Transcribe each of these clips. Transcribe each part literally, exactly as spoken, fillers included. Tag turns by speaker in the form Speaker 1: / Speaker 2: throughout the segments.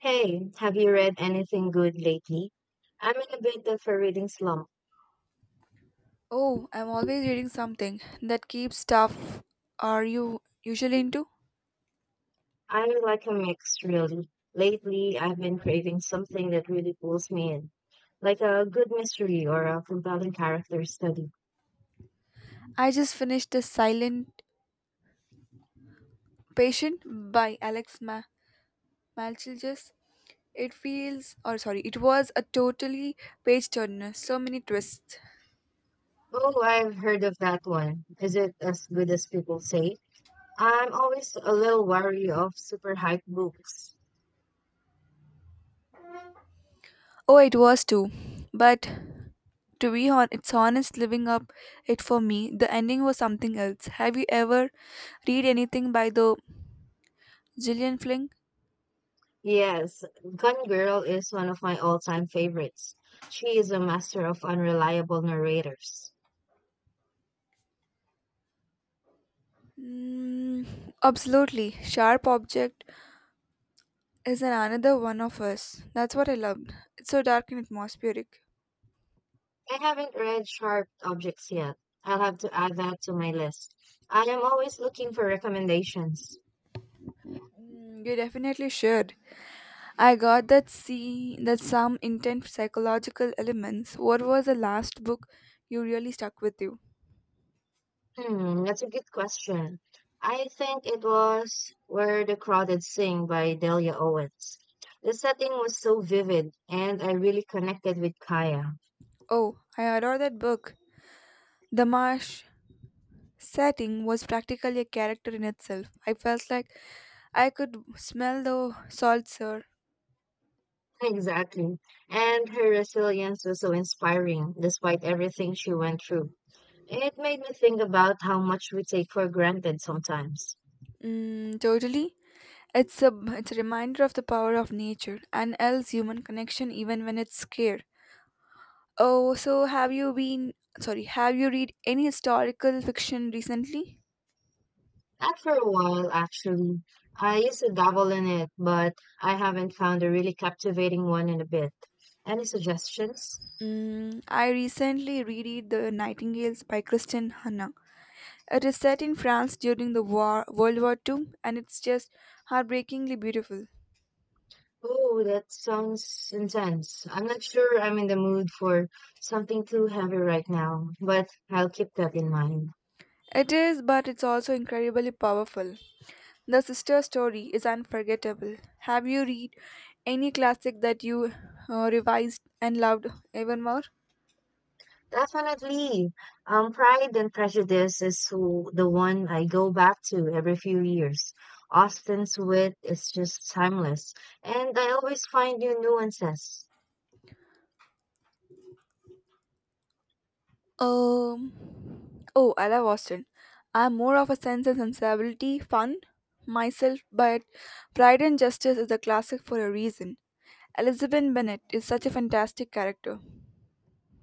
Speaker 1: Hey, have you read anything good lately? I'm in a bit of a reading slump.
Speaker 2: Oh, I'm always reading something that keeps stuff. Are you usually into?
Speaker 1: I like a mix, really. Lately, I've been craving something that really pulls me in, like a good mystery or a compelling character study.
Speaker 2: I just finished The Silent Patient by Alex Ma- Malchilges. It feels, or sorry, it was a totally page turner. So many twists.
Speaker 1: Oh, I've heard of that one. Is it as good as people say? I'm always a little wary of super hype books.
Speaker 2: Oh, it was too. But to be on, it's honest living up it for me. The ending was something else. Have you ever read anything by the Gillian Flynn?
Speaker 1: Yes, Gun Girl is one of my all-time favorites. She is a master of unreliable narrators.
Speaker 2: Mm, Absolutely. Sharp object is an another one of us. That's what I loved. It's so dark and atmospheric.
Speaker 1: I haven't read Sharp Objects yet. I'll have to add that to my list. I am always looking for recommendations.
Speaker 2: Mm, you definitely should. I got that see that some intense psychological elements. What was the last book you really stuck with you?
Speaker 1: Hmm, that's a good question. I think it was Where the Crowded Sing by Delia Owens. The setting was so vivid, and I really connected with Kaya.
Speaker 2: Oh, I adore that book. The marsh setting was practically a character in itself. I felt like I could smell the salt, sir.
Speaker 1: Exactly. And her resilience was so inspiring, despite everything she went through. It made me think about how much we take for granted sometimes.
Speaker 2: Mm, totally. It's a it's a reminder of the power of nature and else human connection even when it's scarce. Oh, so have you been, sorry, have you read any historical fiction recently?
Speaker 1: Not for a while, actually. I used to dabble in it, but I haven't found a really captivating one in a bit. Any suggestions?
Speaker 2: Mm, I recently reread The Nightingales by Kristen Hanna. It is set in France during the war, World War Two, and it's just heartbreakingly beautiful.
Speaker 1: Oh, that sounds intense. I'm not sure I'm in the mood for something too heavy right now, but I'll keep that in mind.
Speaker 2: It is, but it's also incredibly powerful. The sister story is unforgettable. Have you read any classic that you uh, revised and loved even more?
Speaker 1: Definitely. Um, Pride and Prejudice is w- the one I go back to every few years. Austen's wit is just timeless, and I always find new nuances.
Speaker 2: Um, oh, I love Austin. I'm more of a sense and sensibility fun myself, but Pride and Justice is a classic for a reason. Elizabeth Bennet is such a fantastic character.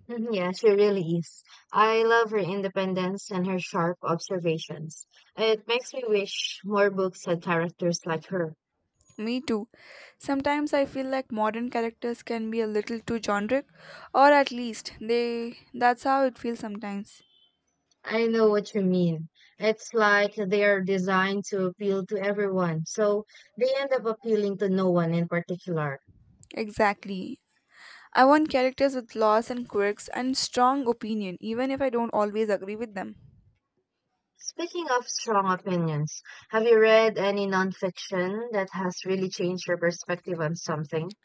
Speaker 1: Mhm, yeah, she really is. I love her independence and her sharp observations. It makes me wish more books had characters like her.
Speaker 2: Me too. Sometimes I feel like modern characters can be a little too generic, or at least they that's how it feels sometimes.
Speaker 1: I know what you mean. It's like they are designed to appeal to everyone, so they end up appealing to no one in particular.
Speaker 2: Exactly. I want characters with flaws and quirks and strong opinion, even if I don't always agree with them.
Speaker 1: Speaking of strong opinions, have you read any nonfiction that has really changed your perspective on something?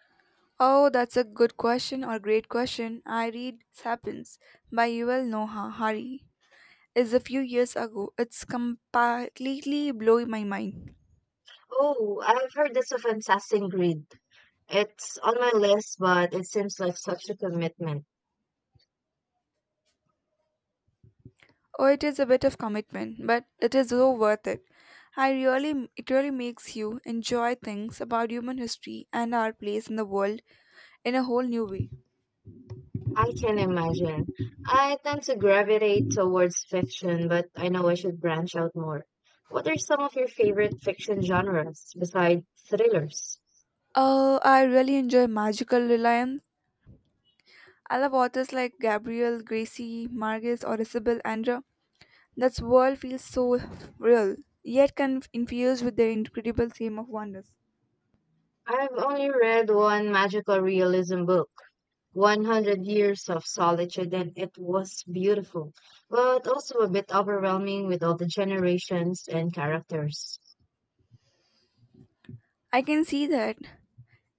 Speaker 2: Oh, that's a good question or great question. I read Sapiens by Yuval Noah Harari. It's a few years ago. It's completely blew my mind.
Speaker 1: Oh, I've heard this of fantastic read. It's on my list, but it seems like such a commitment.
Speaker 2: Oh, it is a bit of commitment, but it is so worth it. I really, it really makes you enjoy things about human history and our place in the world in a whole new way.
Speaker 1: I can imagine. I tend to gravitate towards fiction, but I know I should branch out more. What are some of your favorite fiction genres besides thrillers?
Speaker 2: Oh, I really enjoy Magical Reliance. I love authors like Gabriel Gracie Marquez or Isabel Andra. That's world feels so real, yet can infused with the incredible theme of wonders.
Speaker 1: I've only read one magical realism book, one hundred Years of Solitude, and it was beautiful, but also a bit overwhelming with all the generations and characters.
Speaker 2: I can see that.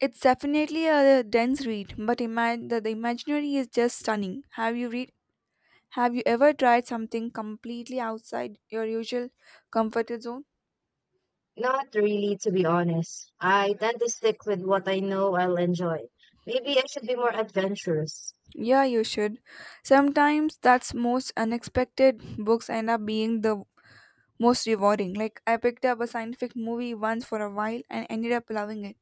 Speaker 2: It's definitely a dense read, but imagine that the imaginary is just stunning. Have you read? Have you ever tried something completely outside your usual comfort zone?
Speaker 1: Not really, to be honest. I tend to stick with what I know I'll enjoy. Maybe I should be more adventurous.
Speaker 2: Yeah, you should. Sometimes that's most unexpected books end up being the most rewarding. Like I picked up a scientific movie once for a while and ended up loving it.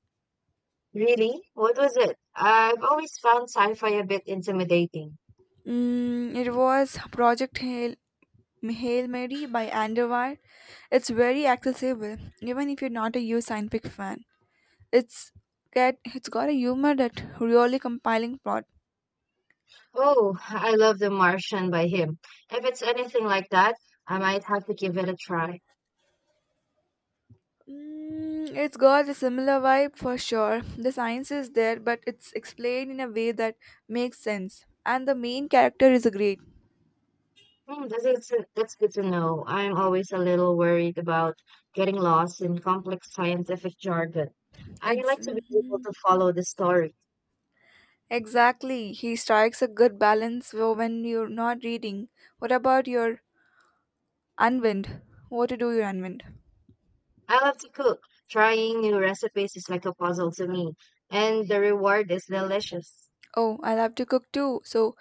Speaker 1: Really? What was it? I've always found sci-fi a bit intimidating.
Speaker 2: Mm, it was Project Hail Hail Mary by Andowar. It's very accessible, even if you're not a huge scientific fan. It's get it's got a humor that really compelling plot.
Speaker 1: Oh, I love The Martian by him. If it's anything like that, I might have to give it a try.
Speaker 2: Mm, it's got a similar vibe for sure. The science is there, but it's explained in a way that makes sense. And the main character is a great.
Speaker 1: Hmm, this is, that's good to know. I'm always a little worried about getting lost in complex scientific jargon. I
Speaker 2: Ex-
Speaker 1: like to be able to follow the story.
Speaker 2: exactly, he strikes a good balance wh- when you're not reading. What about your unwind? What to do your unwind?
Speaker 1: I love to cook. Trying new recipes is like a puzzle to me, and the reward is delicious.
Speaker 2: Oh, I love to cook too. So,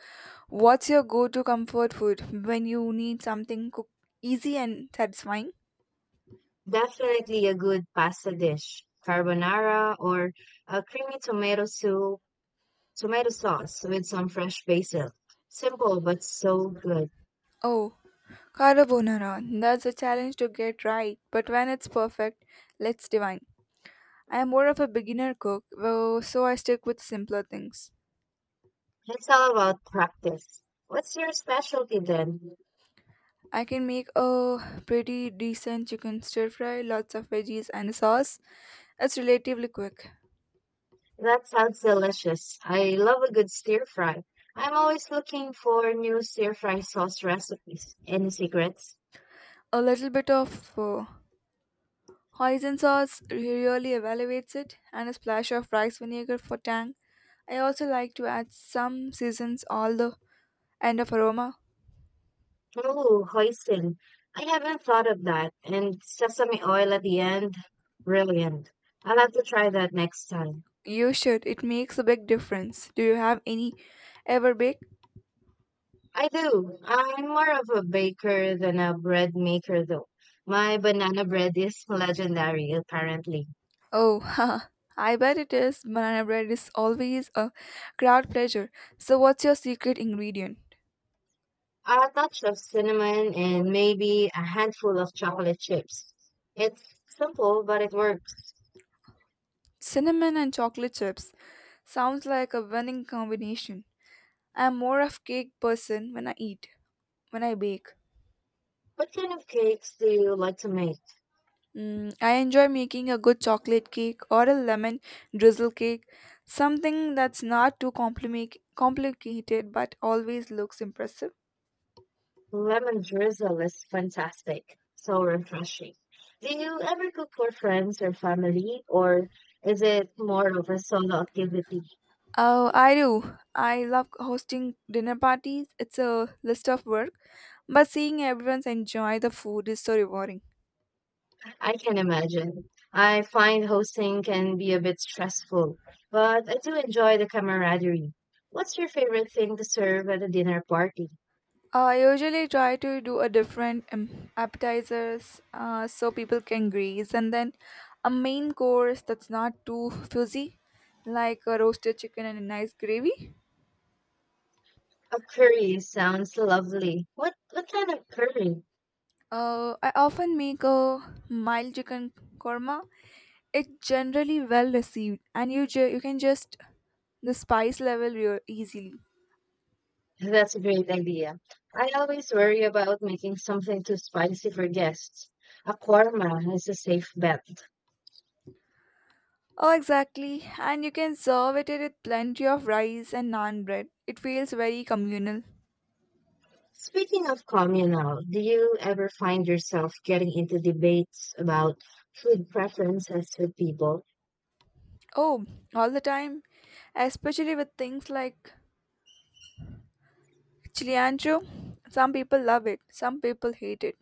Speaker 2: what's your go to comfort food when you need something cook easy and satisfying?
Speaker 1: Definitely a good pasta dish, carbonara or a creamy tomato soup, tomato sauce with some fresh basil. Simple but so good.
Speaker 2: Oh, carbonara. That's a challenge to get right, but when it's perfect, let's divine. I am more of a beginner cook, though, so I stick with simpler things.
Speaker 1: It's all about practice. What's your specialty then?
Speaker 2: I can make a pretty decent chicken stir fry, lots of veggies and a sauce. It's relatively quick.
Speaker 1: That sounds delicious. I love a good stir fry. I'm always looking for new stir fry sauce recipes. Any secrets?
Speaker 2: A little bit of uh, Hoisin sauce really elevates it, and a splash of rice vinegar for tang. I also like to add some seasons, all the end of aroma.
Speaker 1: Oh, hoisin. I haven't thought of that. And sesame oil at the end. Brilliant. I'll have to try that next time.
Speaker 2: You should. It makes a big difference. Do you have any ever bake?
Speaker 1: I do. I'm more of a baker than a bread maker, though. My banana bread is legendary, apparently.
Speaker 2: Oh, haha. I bet it is. Banana bread is always a crowd pleasure. So, what's your secret ingredient?
Speaker 1: A touch of cinnamon and maybe a handful of chocolate chips. It's simple, but it works.
Speaker 2: Cinnamon and chocolate chips. Sounds like a winning combination. I'm more of cake person when I eat, when I bake.
Speaker 1: What kind of cakes do you like to make?
Speaker 2: Mm, I enjoy making a good chocolate cake or a lemon drizzle cake, something that's not too compliment- complicated but always looks impressive.
Speaker 1: Lemon drizzle is fantastic, so refreshing. Do you ever cook for friends or family, or is it more of a solo activity?
Speaker 2: Oh, I do. I love hosting dinner parties. It's a list of work, but seeing everyone enjoy the food is so rewarding.
Speaker 1: I can imagine. I find hosting can be a bit stressful, but I do enjoy the camaraderie. What's your favorite thing to serve at a dinner party?
Speaker 2: Uh, I usually try to do a different um, appetizers uh, so people can graze, and then a main course that's not too fuzzy, like a roasted chicken and a nice gravy.
Speaker 1: A curry sounds lovely. What what kind of curry?
Speaker 2: Uh, I often make a mild chicken korma. It's generally well received, and you ju- you can just the spice level real easily.
Speaker 1: That's a great idea. I always worry about making something too spicy for guests. A korma is a safe bet.
Speaker 2: Oh, exactly, and you can serve it with plenty of rice and naan bread. It feels very communal.
Speaker 1: Speaking of communal, do you ever find yourself getting into debates about food preferences with people?
Speaker 2: Oh, all the time, especially with things like chili ancho. Some people love it, some people hate it.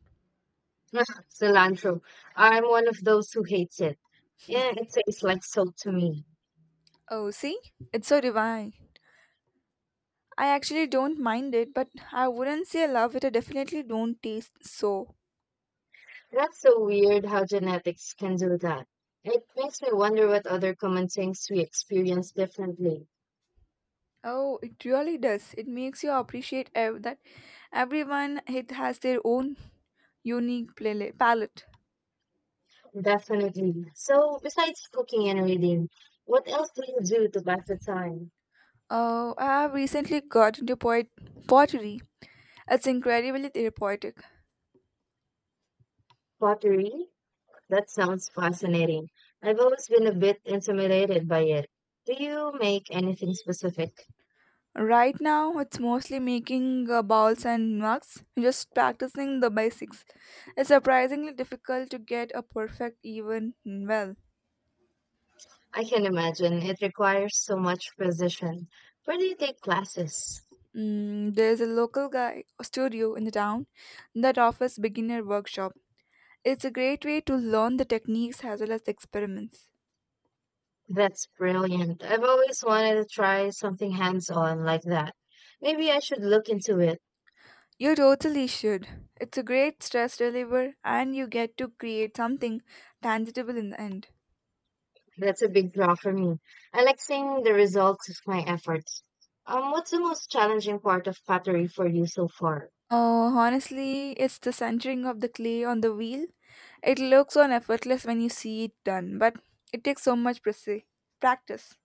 Speaker 1: Cilantro. I'm one of those who hates it. Yeah, it tastes like soap to me.
Speaker 2: Oh, see, it's so divine. I actually don't mind it, but I wouldn't say love it. I definitely don't taste so.
Speaker 1: That's so weird how genetics can do that. It makes me wonder what other common things we experience differently.
Speaker 2: Oh, it really does. It makes you appreciate ev- that everyone it has their own unique pla- palette.
Speaker 1: Definitely. So, besides cooking and reading, what else do you do to pass the time?
Speaker 2: Oh, I have recently got into poet- pottery. It's incredibly therapeutic.
Speaker 1: Pottery? That sounds fascinating. I've always been a bit intimidated by it. Do you make anything specific?
Speaker 2: Right now, it's mostly making uh, balls and mugs, just practicing the basics. It's surprisingly difficult to get a perfect even well.
Speaker 1: I can imagine it requires so much precision. Where do you take classes?
Speaker 2: Mm, there's a local guy studio in the town that offers beginner workshop. It's a great way to learn the techniques as well as the experiments.
Speaker 1: That's brilliant. I've always wanted to try something hands-on like that. Maybe I should look into it.
Speaker 2: You totally should. It's a great stress reliever and you get to create something tangible in the end.
Speaker 1: That's a big draw for me. I like seeing the results of my efforts. Um, what's the most challenging part of pottery for you so far?
Speaker 2: Oh, honestly, it's the centering of the clay on the wheel. It looks so effortless when you see it done, but it takes so much preci- practice.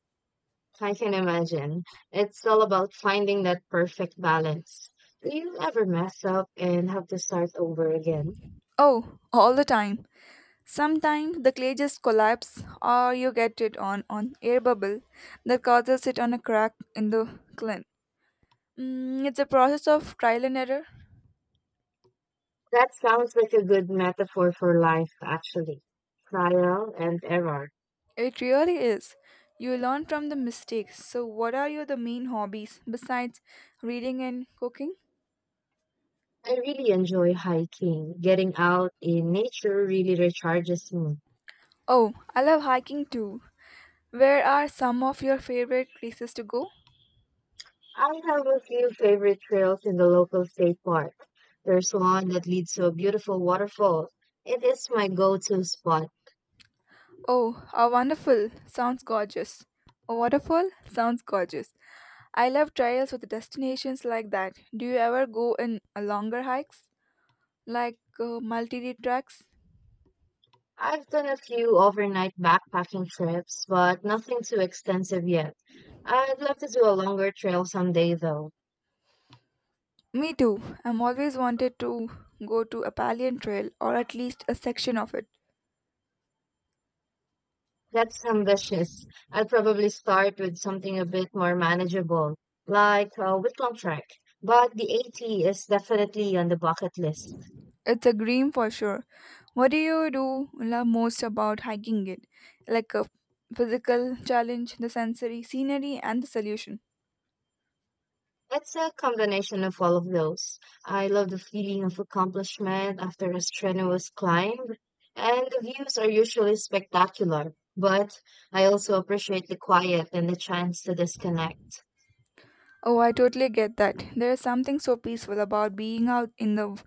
Speaker 1: I can imagine. It's all about finding that perfect balance. Do you ever mess up and have to start over again?
Speaker 2: Oh, all the time. Sometimes the clay just collapses or you get it on an air bubble that causes it on a crack in the clin. Mm, it's a process of trial and error.
Speaker 1: That sounds like a good metaphor for life, actually. Trial and error.
Speaker 2: It really is. You learn from the mistakes. So what are your the main hobbies besides reading and cooking?
Speaker 1: I really enjoy hiking. Getting out in nature really recharges me.
Speaker 2: Oh, I love hiking too. Where are some of your favorite places to go?
Speaker 1: I have a few favorite trails in the local state park. There's one that leads to a beautiful waterfall. It is my go-to spot.
Speaker 2: Oh, a wonderful! Sounds gorgeous. A waterfall? Sounds gorgeous. I love trails with destinations like that. Do you ever go in a longer hikes? Like uh, multi-day tracks?
Speaker 1: I've done a few overnight backpacking trips, but nothing too extensive yet. I'd love to do a longer trail someday though.
Speaker 2: Me too. I'm always wanted to go to a Palian trail or at least a section of it.
Speaker 1: That's ambitious. I'll probably start with something a bit more manageable, like a Whitlam trek. But the A T is definitely on the bucket list.
Speaker 2: It's a dream for sure. What do you do love most about hiking it? Like a physical challenge, the sensory scenery and the solution.
Speaker 1: It's a combination of all of those. I love the feeling of accomplishment after a strenuous climb, and the views are usually spectacular, but I also appreciate the quiet and the chance to disconnect.
Speaker 2: Oh, I totally get that. There is something so peaceful about being out in the w-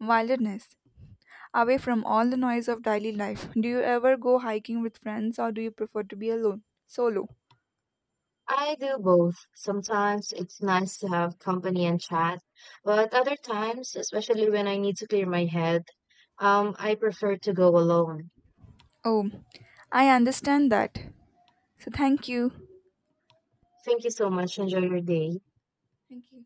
Speaker 2: wilderness, away from all the noise of daily life. Do you ever go hiking with friends or do you prefer to be alone? Solo.
Speaker 1: I do both. Sometimes it's nice to have company and chat, but other times, especially when I need to clear my head, um, I prefer to go alone.
Speaker 2: Oh, I understand that. So thank you.
Speaker 1: Thank you so much. Enjoy your day.
Speaker 2: Thank you.